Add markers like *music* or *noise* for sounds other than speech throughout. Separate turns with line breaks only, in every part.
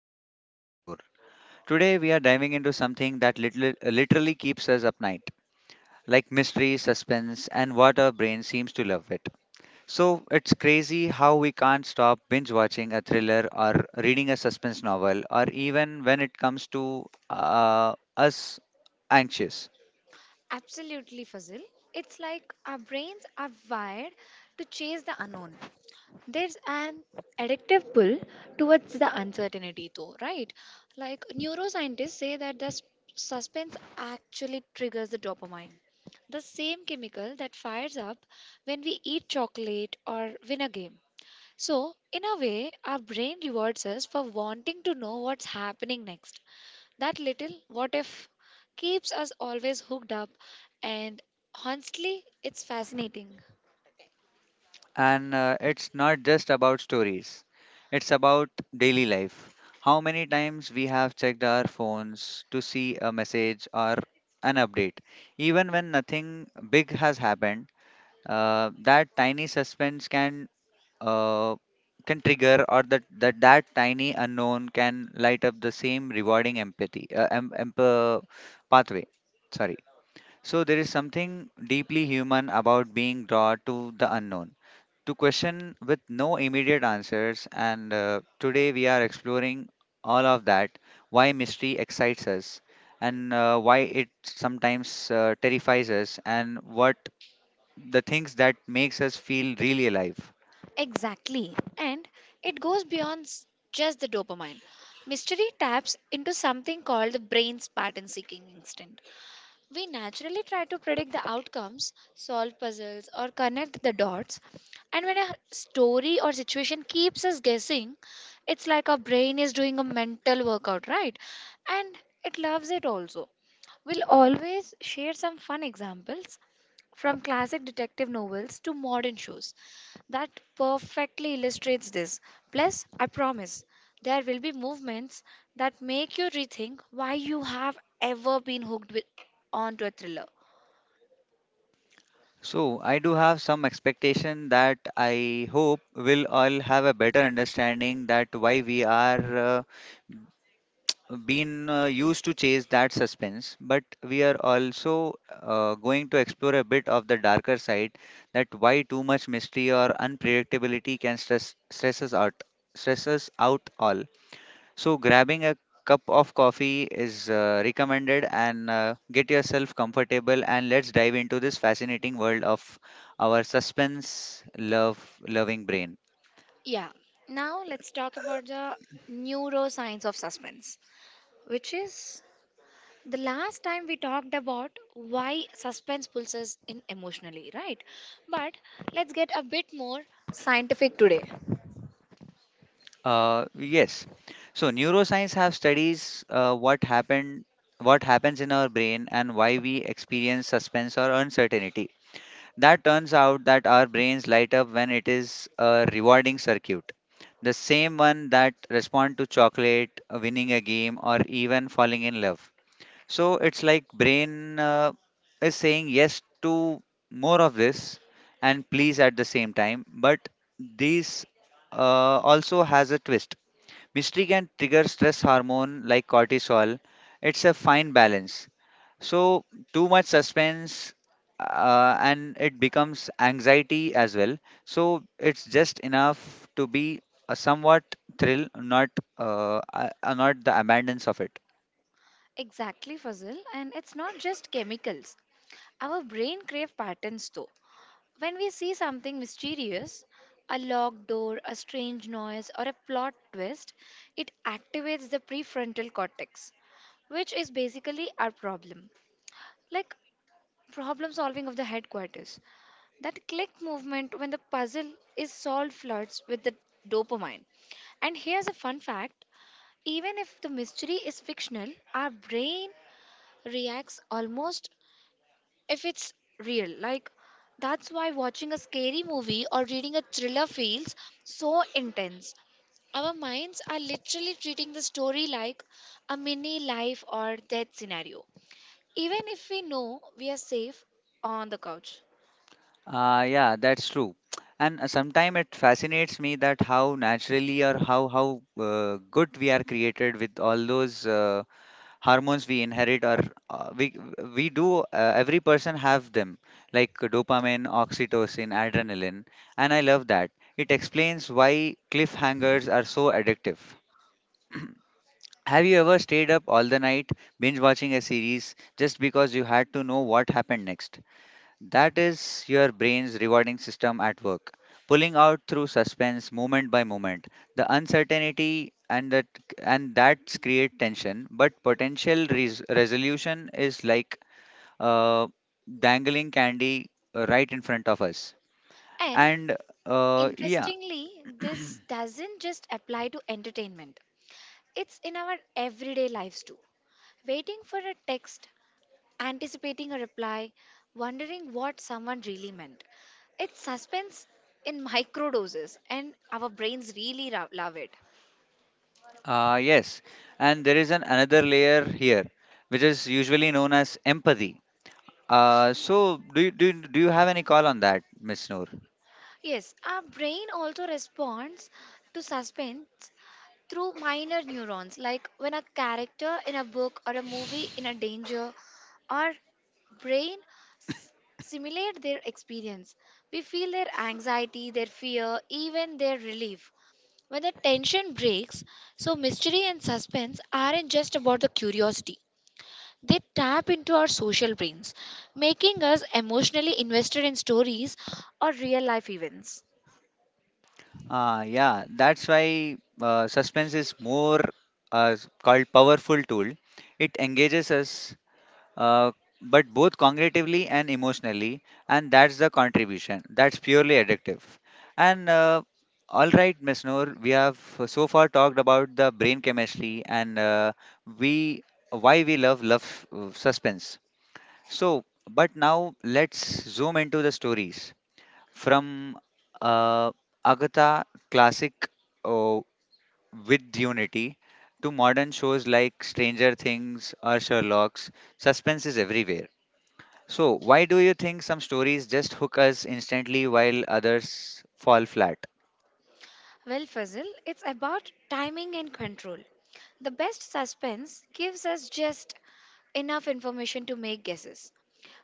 me is amazing Noor. Today we are diving into something that literally keeps us up night, like mystery, suspense, and what our brain seems to love it. So it's crazy how we can't stop binge watching a thriller or reading a suspense novel, or even when it comes to us anxious.
Absolutely, Fazil. It's like our brains are wired to chase the unknown. There's an addictive pull towards the uncertainty, though, right? Like neuroscientists say that the suspense actually triggers the dopamine, the same chemical that fires up when we eat chocolate or win a game. So, in a way, our brain rewards us for wanting to know what's happening next. That little what if keeps us always hooked up, and honestly, it's fascinating.
And It's not just about stories, it's about daily life. How many times we have checked our phones to see a message or an update. Even when nothing big has happened, that tiny suspense uh, can trigger or that tiny unknown can light up the same rewarding empathy pathway sorry, so there is something deeply human about being drawn to the unknown, to question with no immediate answers. And today we are exploring all of that, why mystery excites us, and why it sometimes terrifies us, and what the things that makes us feel really alive.
Exactly. And it goes beyond just the dopamine. Mystery taps into something called the brain's pattern seeking instinct. We naturally try to predict the outcomes, solve puzzles, or connect the dots. And when a story or situation keeps us guessing, it's like our brain is doing a mental workout, right? And it loves it also. We'll always share some fun examples from classic detective novels to modern shows that perfectly illustrates this. Plus, I promise there will be movements that make you rethink why you have ever been hooked with onto a thriller.
So I do have some expectation that I hope we'll all have a better understanding that why we are been used to chase that suspense, but we are also going to explore a bit of the darker side, that why too much mystery or unpredictability can stress us out all. So grabbing a cup of coffee is recommended and get yourself comfortable and let's dive into this fascinating world of our suspense love loving brain.
Yeah. Now let's talk about the neuroscience of suspense, which is the last time we talked about why suspense pulls us in emotionally, right? But let's get a bit more scientific today.
Yes. So neuroscience have studies what happens in our brain, and why we experience suspense or uncertainty. That turns out that our brains light up when it is a rewarding circuit, the same one that respond to chocolate, winning a game, or even falling in love. So it's like brain is saying yes to more of this and please at the same time, but these also has a twist. Mystery can trigger stress hormone like cortisol. It's a fine balance. So, too much suspense and it becomes anxiety as well. So, it's just enough to be a somewhat thrill, not not the abundance of it.
Exactly, Fazil, and it's not just chemicals. Our brain crave patterns though. When we see something mysterious, a locked door, a strange noise, or a plot twist, it activates the prefrontal cortex, which is basically our problem, like problem solving of the headquarters. That click movement when the puzzle is solved floods with the dopamine. And here's a fun fact, even if the mystery is fictional, our brain reacts almost if it's real. Like, that's why watching a scary movie or reading a thriller feels so intense. Our minds are literally treating the story like a mini life or death scenario, even if we know we are safe on the couch.
Yeah, that's true. And sometime it fascinates me that how naturally or how good we are created with all those. Hormones we inherit are uh, we we do every person have them like dopamine oxytocin adrenaline, and I love that it explains why cliffhangers are so addictive. Have you ever stayed up all the night binge watching a series just because you had to know what happened next? That is your brain's rewarding system at work, pulling out through suspense moment by moment. The uncertainty and that And that's create tension, but potential resolution is like uh, dangling candy right in front of us.
And
And uh, yeah,
Interestingly, this doesn't just apply to entertainment, it's in our everyday lives too. Waiting for a text, anticipating a reply, wondering what someone really meant. It's suspense in *laughs* micro doses, and our brains really love it.
yes, and there is an another layer here, which is usually known as empathy. So do you have any call on that, Miss Noor?
Yes, our brain also responds to suspense through minor neurons, like when a character in a book or a movie in a danger, our brain simulate their experience. We feel their anxiety, their fear, even their relief. When the tension breaks, so mystery and suspense aren't just about the curiosity. They tap into our social brains, making us emotionally invested in stories or real life events.
Ah, yeah, that's why suspense is more called powerful tool. It engages us, uh, but both cognitively and emotionally, and that's the contribution. That's purely addictive. And all right, Miss Noor, we have so far talked about the brain chemistry and we why we love suspense. So, but now let's zoom into the stories from uh, Agatha classic uh, with Unity to modern shows like Stranger Things or Sherlock's, suspense is everywhere. So, why do you think some stories just hook us instantly while others fall flat?
Well, Fazil, it's about timing and control. The best suspense gives us just enough information to make guesses,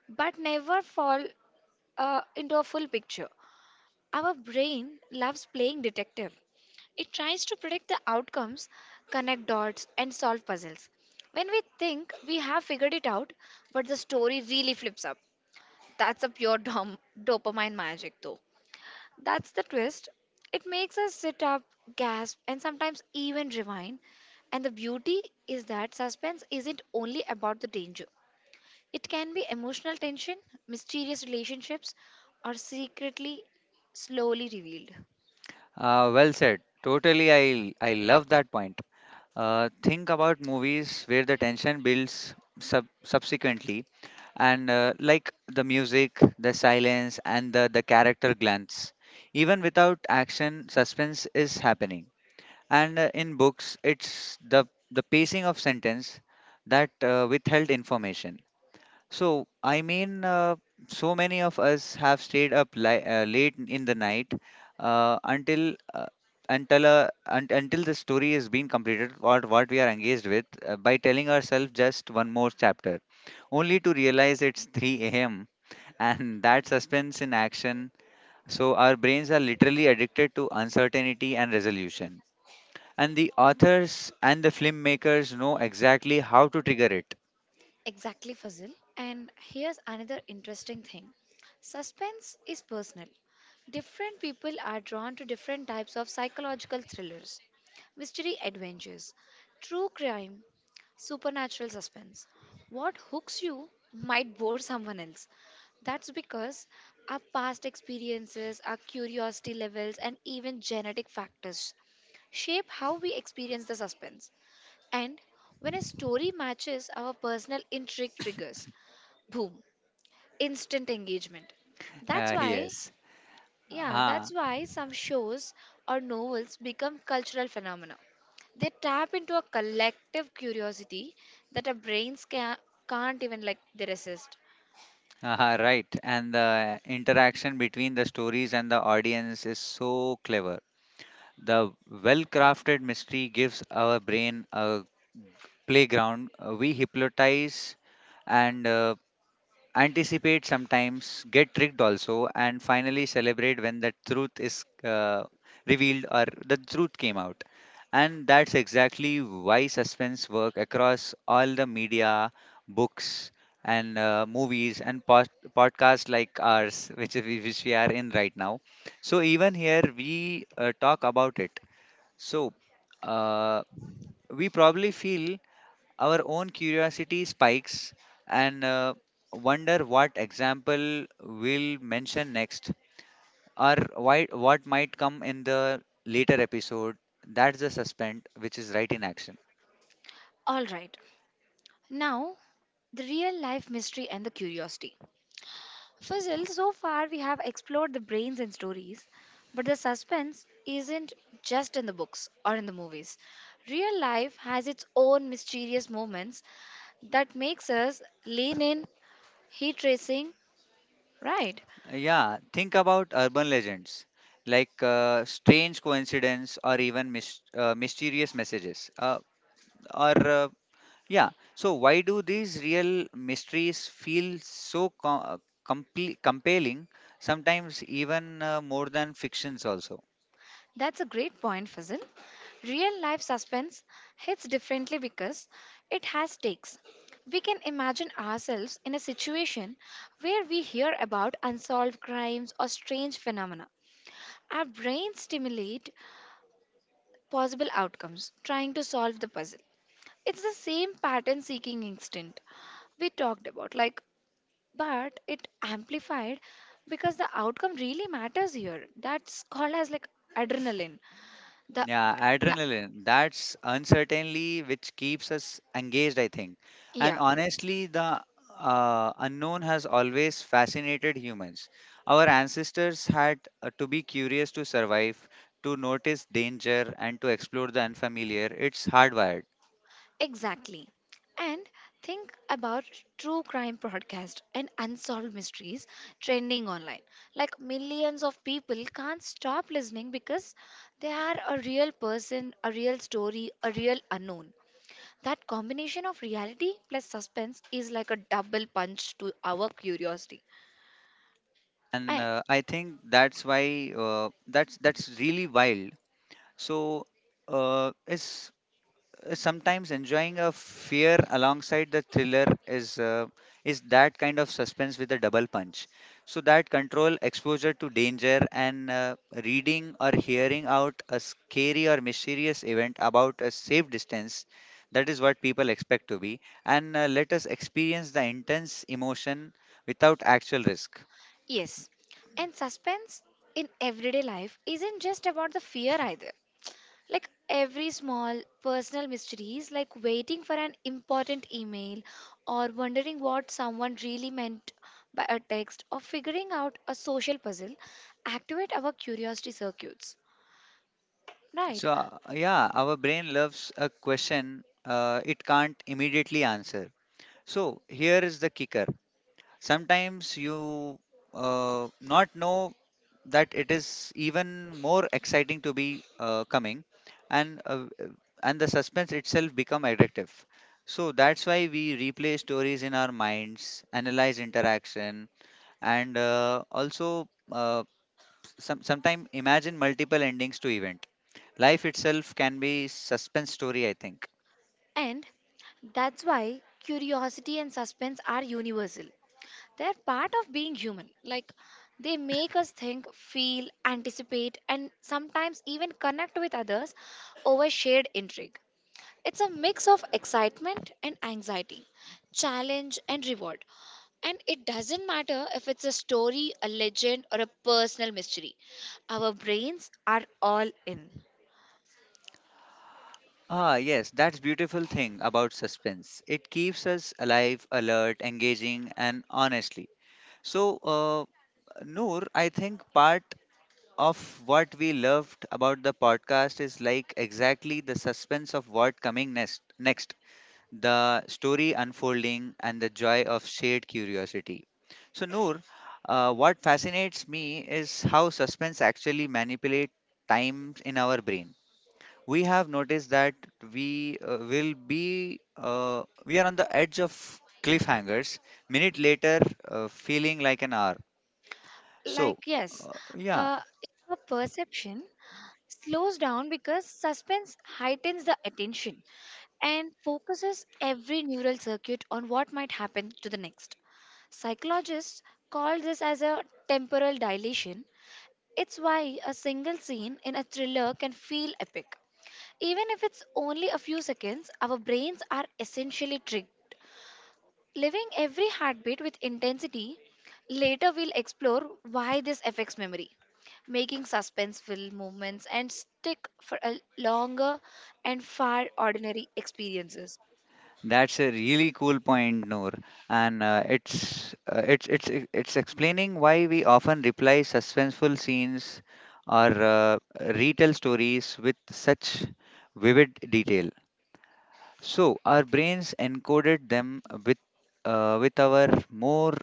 but never fall into a full picture. Our brain loves playing detective. It tries to predict the outcomes, connect dots, and solve puzzles. When we think we have figured it out, but the story really flips up. That's a pure dopamine magic, though. That's the twist. It makes us sit up, gasp, and sometimes even rewind. And the beauty is that suspense isn't only about the danger, it can be emotional tension, mysterious relationships, or secretly, slowly revealed.
Well said. Totally, I love that point. Think about movies where the tension builds subsequently, and like the music, the silence, and the character glance. Even without action, suspense is happening. And in books, the pacing of sentence that withheld information. So, I mean, so many of us have stayed up late in the night uh, until uh, until the story is being completed or what we are engaged with by telling ourselves just one more chapter, only to realize it's 3 a.m. *laughs* and that suspense in action. So, our brains are literally addicted to uncertainty and resolution. And the authors and the filmmakers know exactly how to trigger it.
Exactly, Fazil. And here's another interesting thing, suspense is personal. Different people are drawn to different types of psychological thrillers, mystery adventures, true crime, supernatural suspense. What hooks you might bore someone else. That's because our past experiences, our curiosity levels, and even genetic factors shape how we experience the suspense. And when a story matches our personal intrigue triggers, boom, instant engagement. That's why,
Yes.
yeah,
Uh,
that's why some shows or novels become cultural phenomena. They tap into a collective curiosity that our brains can't even like they resist.
aha, right. And the interaction between the stories and the audience is so clever. The well crafted mystery gives our brain a playground. We hypnotize and anticipate sometimes, get tricked also, and finally celebrate when the truth is revealed or the truth came out. And that's exactly why suspense work across all the media, books, and movies and podcasts like ours, which which we are in right now. So even here we talk about it. So uh, we probably feel our own curiosity spikes and wonder what example we'll mention next or why, what might come in the later episode. That's the suspense which is right in action.
All right, now the real life mystery and the curiosity. Fazil, so far we have explored the brains and stories, but the suspense isn't just in the books or in the movies. Real life has its own mysterious moments that makes us lean in heat tracing. Right,
Yeah, think about urban legends like strange coincidence or even mysterious messages or yeah. So why do these real mysteries feel so compelling? Sometimes even more than fictions also.
that's a great point, Fazil. Real life suspense hits differently because it has stakes. We can imagine ourselves in a situation where we hear about unsolved crimes or strange phenomena. Our brains stimulate possible outcomes, trying to solve the puzzle. It's the same pattern seeking instinct we talked about, like, but it amplified because the outcome really matters here. That's called as like adrenaline. The,
Yeah,
the
adrenaline. That's uncertainty which keeps us engaged, I think. And
yeah,
honestly, the unknown has always fascinated humans. Our ancestors had to be curious to survive, to notice danger, and to explore the unfamiliar. It's hardwired.
exactly. And think about true crime podcast and unsolved mysteries trending online. Like millions of people can't stop listening because they are a real person, a real story, a real unknown. That combination of reality plus suspense is like a double punch to our curiosity.
And
I,
I think that's why that's really wild. So uh, is is sometimes enjoying a fear alongside the thriller is that kind of suspense with a double punch. So that control exposure to danger and reading or hearing out a scary or mysterious event about a safe distance. That is what people expect to be, and let us experience the intense emotion without actual risk.
yes, and suspense in everyday life isn't just about the fear either. Like every small personal mysteries, like waiting for an important email or wondering what someone really meant by a text or figuring out a social puzzle, activate our curiosity circuits. Right?
So, yeah, our brain loves a question it can't immediately answer. So, here is the kicker. Sometimes you not know that it is even more exciting to be coming, and uh, uh, and the suspense itself become addictive. So that's why we replay stories in our minds, analyze interaction, and also some sometime imagine multiple endings to events. Life itself can be suspense story, I think.
And that's why curiosity and suspense are universal. They're part of being human. Like, they make us think, feel, anticipate, and sometimes even connect with others over shared intrigue. It's a mix of excitement and anxiety, challenge and reward. And it doesn't matter if it's a story, a legend, or a personal mystery. Our brains are all in.
Ah, yes, that's beautiful thing about suspense. It keeps us alive, alert, engaging, and honestly. So, Noor, I think part of what we loved about the podcast is like exactly the suspense of what coming next. Next, the story unfolding, and the joy of shared curiosity. So, Noor, what fascinates me is how suspense actually manipulates time in our brain. We have noticed that we will be we are on the edge of cliffhangers. Minute later, feeling like an hour. So,
Like, yes,
yeah.
uh, a perception slows down because suspense heightens the attention and focuses every neural circuit on what might happen to the next. Psychologists call this as a temporal dilation. It's why a single scene in a thriller can feel epic. Even if it's only a few seconds, our brains are essentially triggered living every heartbeat with intensity, later we'll explore why this affects memory, making suspenseful movements and stick for a longer and far ordinary experiences.
That's a really cool point, Noor, and it's e- it's explaining why we often replay suspenseful scenes or retell stories with such vivid detail. So our brains encoded them with our more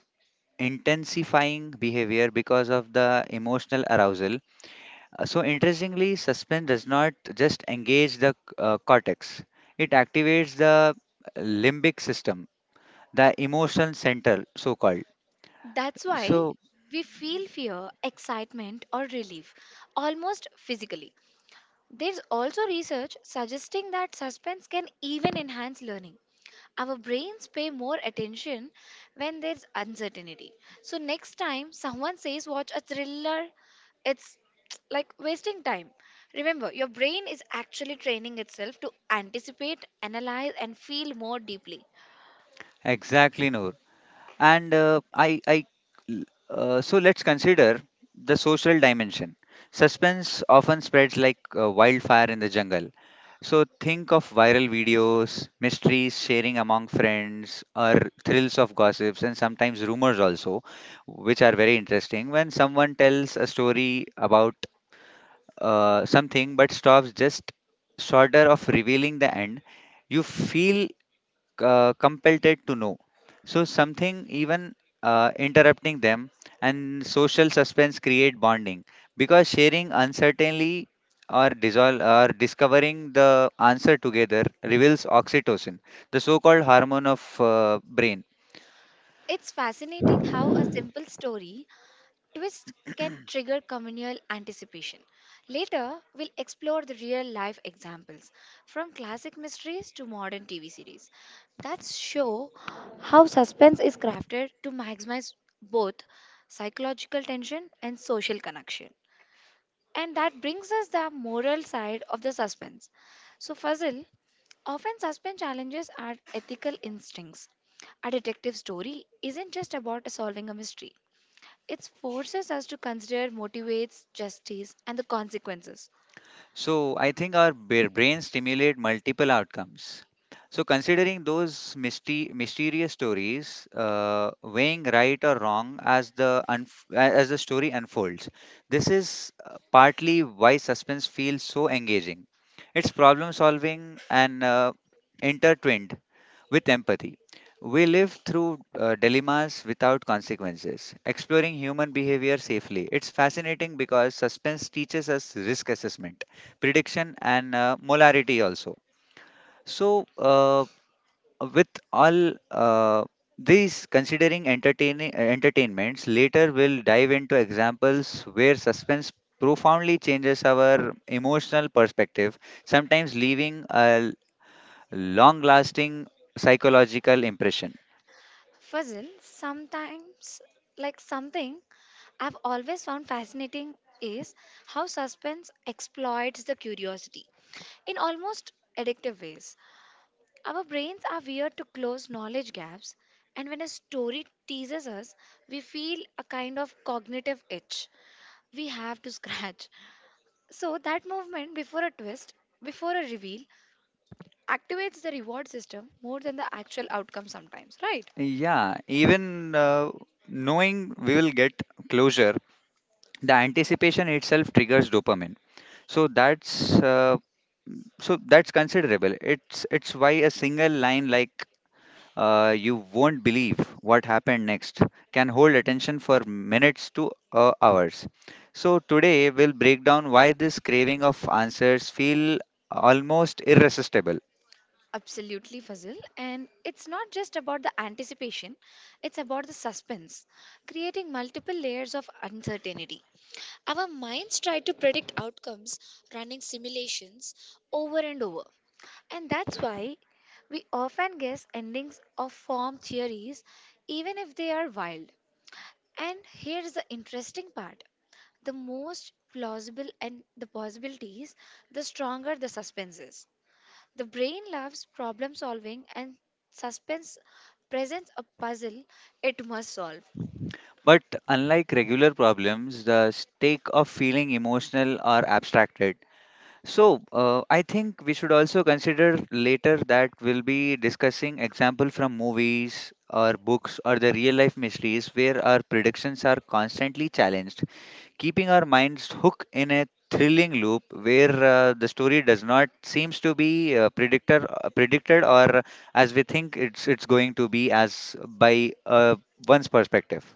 intensifying behavior because of the emotional arousal. So interestingly, suspense does not just engage the cortex; it activates the limbic system, the emotion center so called.
That's why
So
we feel fear, excitement, or relief almost physically. There's also research suggesting that suspense can even enhance learning. Our brains pay more attention when there's uncertainty. So, next time someone says, watch a thriller, it's *tsk* like wasting time. Remember, your brain is actually training itself to anticipate, analyze, and feel more deeply.
exactly Noor, and I so let's consider the social dimension. Suspense often spreads like wildfire in the jungle. So think of viral videos, mysteries sharing among friends, or thrills of gossips and sometimes rumors also, which are very interesting. When someone tells a story about something but stops just shorter of revealing the end, you feel compelled it to know. So something even interrupting them, and social suspense create bonding, because sharing uncertainly or dissolve or discovering the answer together reveals oxytocin, the so-called hormone of brain.
It's fascinating how a simple story twist can trigger communal anticipation. Later, we'll explore the real life examples from classic mysteries to modern TV series that show how suspense is crafted to maximize both psychological tension and social connection. And that brings us the moral side of the suspense. So, Fazil, often suspense challenges our ethical instincts. A detective story isn't just about solving a mystery, it forces us to consider motivates, justice, and the consequences.
So I think our brains stimulate multiple outcomes. So considering those mysterious stories, weighing right or wrong as the as the story unfolds, this is partly why suspense feels so engaging. It's problem solving and intertwined with empathy. We live through dilemmas without consequences, exploring human behavior safely. It's fascinating because suspense teaches us risk assessment, prediction, and molarity also. So, with all these, considering entertaining entertainments, later we'll dive into examples where suspense profoundly changes our emotional perspective, sometimes leaving a long-lasting psychological impression.
Fazil, sometimes, like something I've always found fascinating is how suspense exploits the curiosity in almost addictive ways. Our brains are wired to close knowledge gaps, and when a story teases us, we feel a kind of cognitive itch we have to scratch. So, that movement before a twist, before a reveal, activates the reward system more than the actual outcome sometimes, right?
Yeah, even knowing we will get closure, the anticipation itself triggers dopamine. So that's uh, So that's considerable. It's why a single line like "You won't believe what happened next" can hold attention for minutes to hours. So today we'll break down why this craving of answers feel almost irresistible.
Absolutely, Fazil. And it's not just about the anticipation, it's about the suspense, creating multiple layers of uncertainty. Our minds try to predict outcomes, running simulations over and over. And that's why we often guess endings of form theories, even if they are wild. And here's the interesting part, the most plausible and the possibilities, the stronger the suspense is. The brain loves problem solving and suspense presents a puzzle it must solve.
But unlike regular problems, the stake of feeling emotional or abstracted. So I think we should also consider later that we'll be discussing example from movies or books or the real life mysteries where our predictions are constantly challenged, keeping our minds hooked in a thrilling loop where the story does not seems to be predictor predicted or as we think it's going to be as by one's perspective.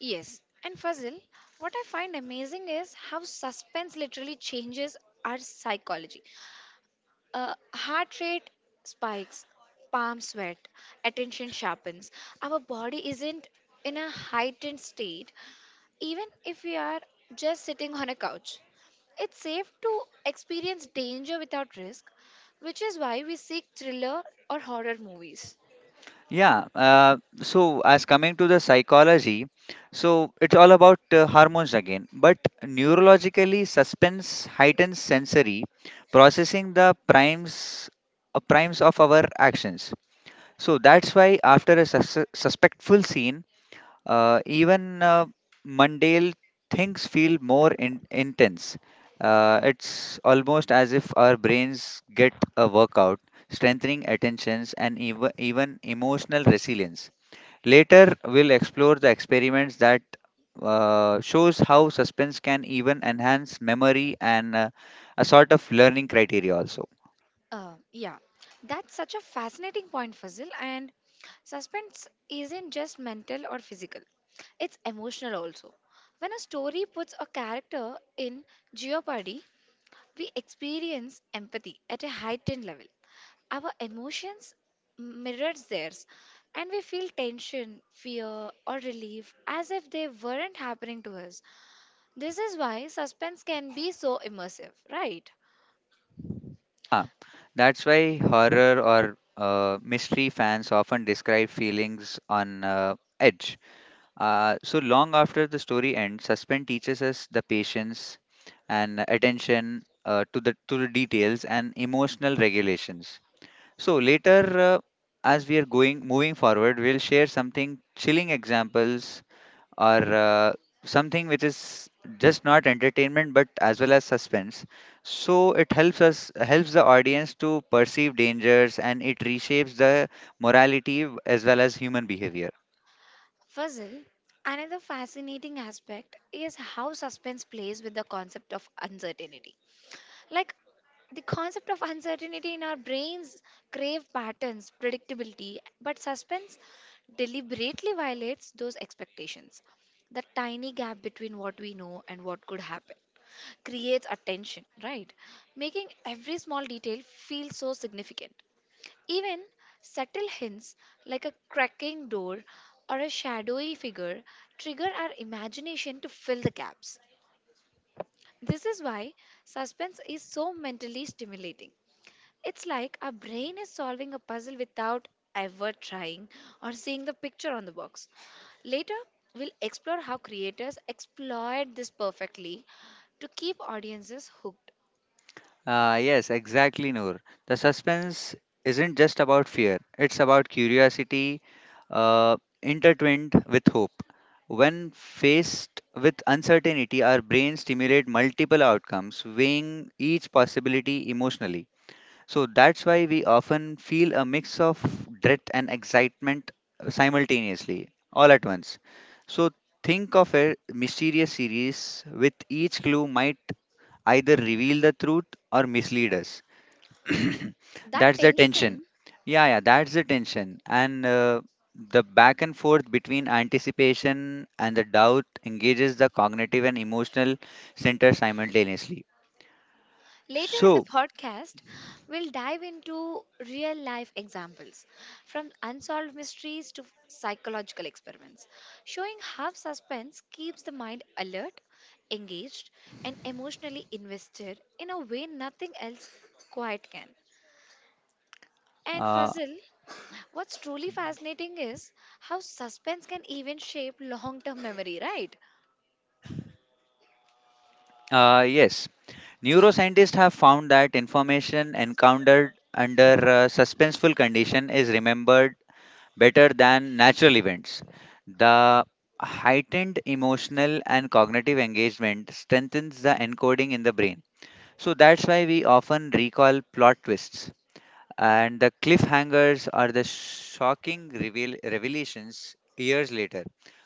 Yes, and puzzle, what I find amazing is how suspense literally changes our psychology. Heart rate spikes, palm sweat, attention sharpens. Our body isn't in a heightened state, even if we are just sitting on a couch, it's safe to experience danger without risk, which is why we seek thriller or horror movies.
Yeah, so as coming to the psychology, so it's all about hormones again. But neurologically, suspense heightens sensory processing the primes primes of our actions. So that's why after a suspectful scene, even mundane things feel more intense. It's almost as if our brains get a workout, strengthening attentions and even emotional resilience. Later, we'll explore the experiments that shows how suspense can even enhance memory and a sort of learning criteria also.
Yeah, that's such a fascinating point, Fazil. And suspense isn't just mental or physical, it's emotional also. When a story puts a character in jeopardy, we experience empathy at a heightened level. Our emotions mirrors theirs and we feel tension, fear or relief as if they weren't happening to us. This is why suspense can be so immersive, right?
Ah, that's why horror or mystery fans often describe feelings on edge. So long after the story ends, suspense teaches us the patience and attention to the details and emotional regulations. So later, as we are going moving forward, we'll share something chilling examples or uh, something which is just not entertainment but as well as suspense. So it helps us helps the audience to perceive dangers and it reshapes the morality as well as human behavior.
Fuzzle, another fascinating aspect is how suspense plays with the concept of uncertainty. Like the concept of uncertainty in our brains crave patterns, predictability, but suspense deliberately violates those expectations. The tiny gap between what we know and what could happen creates a tension, right? Making every small detail feel so significant. Even subtle hints like a cracking door or a shadowy figure trigger our imagination to fill the gaps. This is why suspense is so mentally stimulating. It's like our brain is solving a puzzle without ever trying or seeing the picture on the box. Later, we'll explore how creators exploit this perfectly to keep audiences hooked.
Yes, exactly, Noor. The suspense isn't just about fear, it's about curiosity uh, intertwined with hope. When faced with uncertainty, our brains stimulate multiple outcomes, weighing each possibility emotionally. So that's why we often feel a mix of dread and excitement simultaneously, all at once. So think of a mysterious series with each clue might either reveal the truth or mislead us. *clears throat*
That
That's the tension.
tension,
Yeah, that's the tension. And the back and forth between anticipation and the doubt engages the cognitive and emotional center simultaneously.
later in the
So,
podcast, we'll dive into real life examples from unsolved mysteries to psychological experiments, showing how suspense keeps the mind alert, engaged, and emotionally invested in a way nothing else quite can. And
uh,
Fazil, what's truly fascinating is how suspense can even shape long term memory, right?
yes, neuroscientists have found that information encountered under suspenseful condition is remembered better than natural events. The heightened emotional and cognitive engagement strengthens the encoding in the brain. So that's why we often recall plot twists. And the cliffhangers are the shocking revelations years later.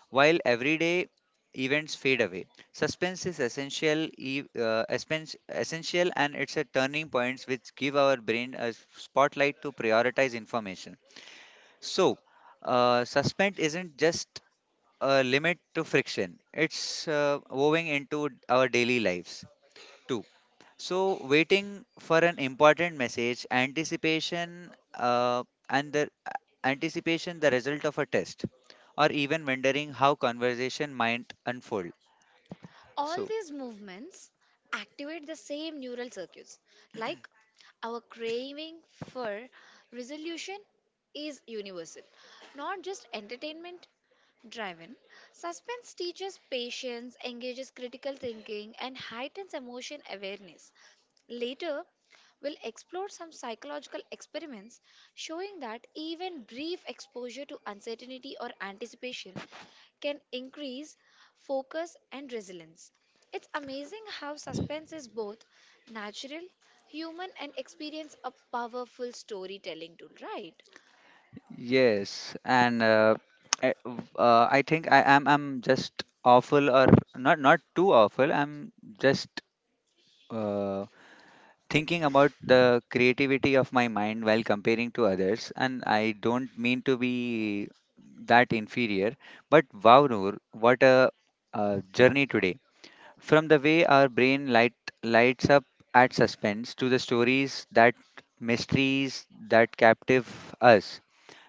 While everyday events fade away, suspense is essential, and it's a turning points which give our brain a spotlight to prioritize information. So, suspense isn't just a limit to friction, it's woven into our daily lives too. So, waiting for an important message, anticipation the result of a test, or even wondering how conversation might unfold.
All
So,
these movements activate the same neural circuits. Like our craving for resolution is universal, not just entertainment driven. Suspense teaches patience, engages critical thinking, and heightens emotion awareness. Later, we'll explore some psychological experiments showing that even brief exposure to uncertainty or anticipation can increase focus and resilience. It's amazing how suspense is both natural, human, and experience a powerful storytelling tool, right?
yes, and I, I think I'm just awful or not too awful. I'm just. uh, Thinking about the creativity of my mind while comparing to others, and I don't mean to be that inferior, but wow, Noor, what a, uh, journey today! From the way our brain lights up at suspense to the stories that mysteries that captive us.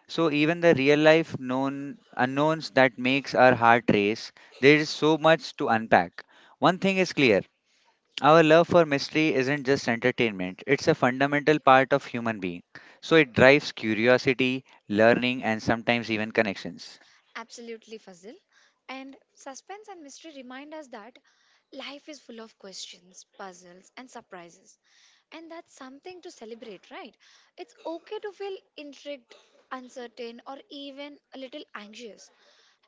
So even the real life known unknowns that makes our heart race. There is so much to unpack. One thing is clear: our love for mystery isn't just entertainment, it's a fundamental part of human being. So it drives curiosity, learning and sometimes even connections.
Absolutely, Fazil. And suspense and mystery remind us that life is full of questions, puzzles, and surprises. And that's something to celebrate, right? It's okay to feel intrigued, uncertain, or even a little anxious.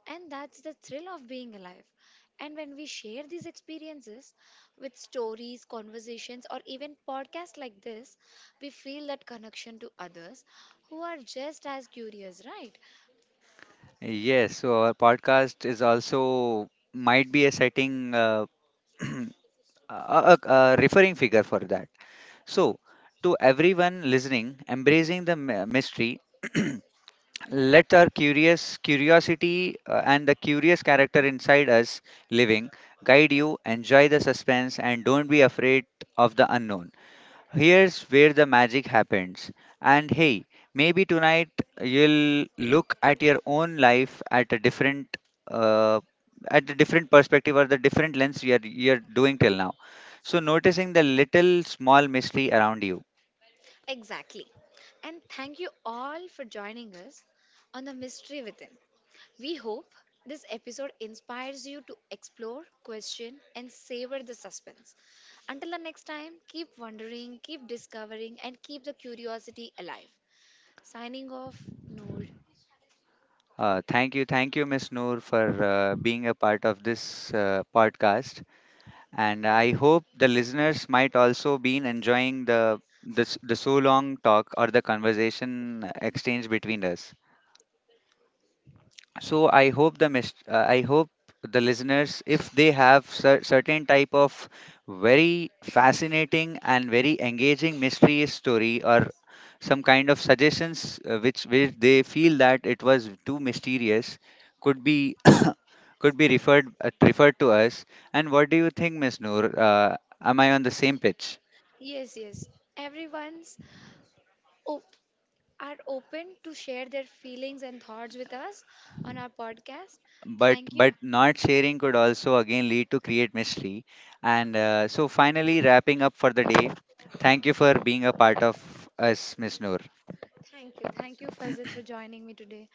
And that's the thrill of being alive. And when we share these experiences with stories, conversations, or even podcasts like this, we feel that connection to others who are just as curious, right?
Yes, so our podcast is also might be a setting *clears throat* a, a referring figure for that. So to everyone listening, embracing the mystery *clears throat* let our curious curiosity and the curious character inside us living guide you, enjoy the suspense and don't be afraid of the unknown. Here's where the magic happens. And hey, maybe tonight you'll look at your own life uh, at a different perspective or the different lens you're doing till now. So noticing the little small mystery around you.
Exactly. And thank you all for joining us on The Mystery Within. We hope this episode inspires you to explore, question, and savor the suspense. Until the next time, keep wondering, keep discovering, and keep the curiosity alive. Signing off, Noor.
Thank you, Miss Noor, for being a part of this podcast. And I hope the listeners might also been enjoying the so long talk or the conversation exchange between us. So I hope I hope the listeners, if they have certain type of very fascinating and very engaging mystery story or some kind of suggestions which they feel that it was too mysterious, could be *coughs* could be referred to us. And what do you think, Miss Noor? Am I on the same pitch?
Yes, yes. Everyone's op- are open to share their feelings and thoughts with us on our podcast.
but
Thank
but
you.
not sharing could also again lead to create mystery. And so finally wrapping up for the day, thank you for being a part of us, Miss Noor.
Thank you. Thank you, Fazil, for joining me today.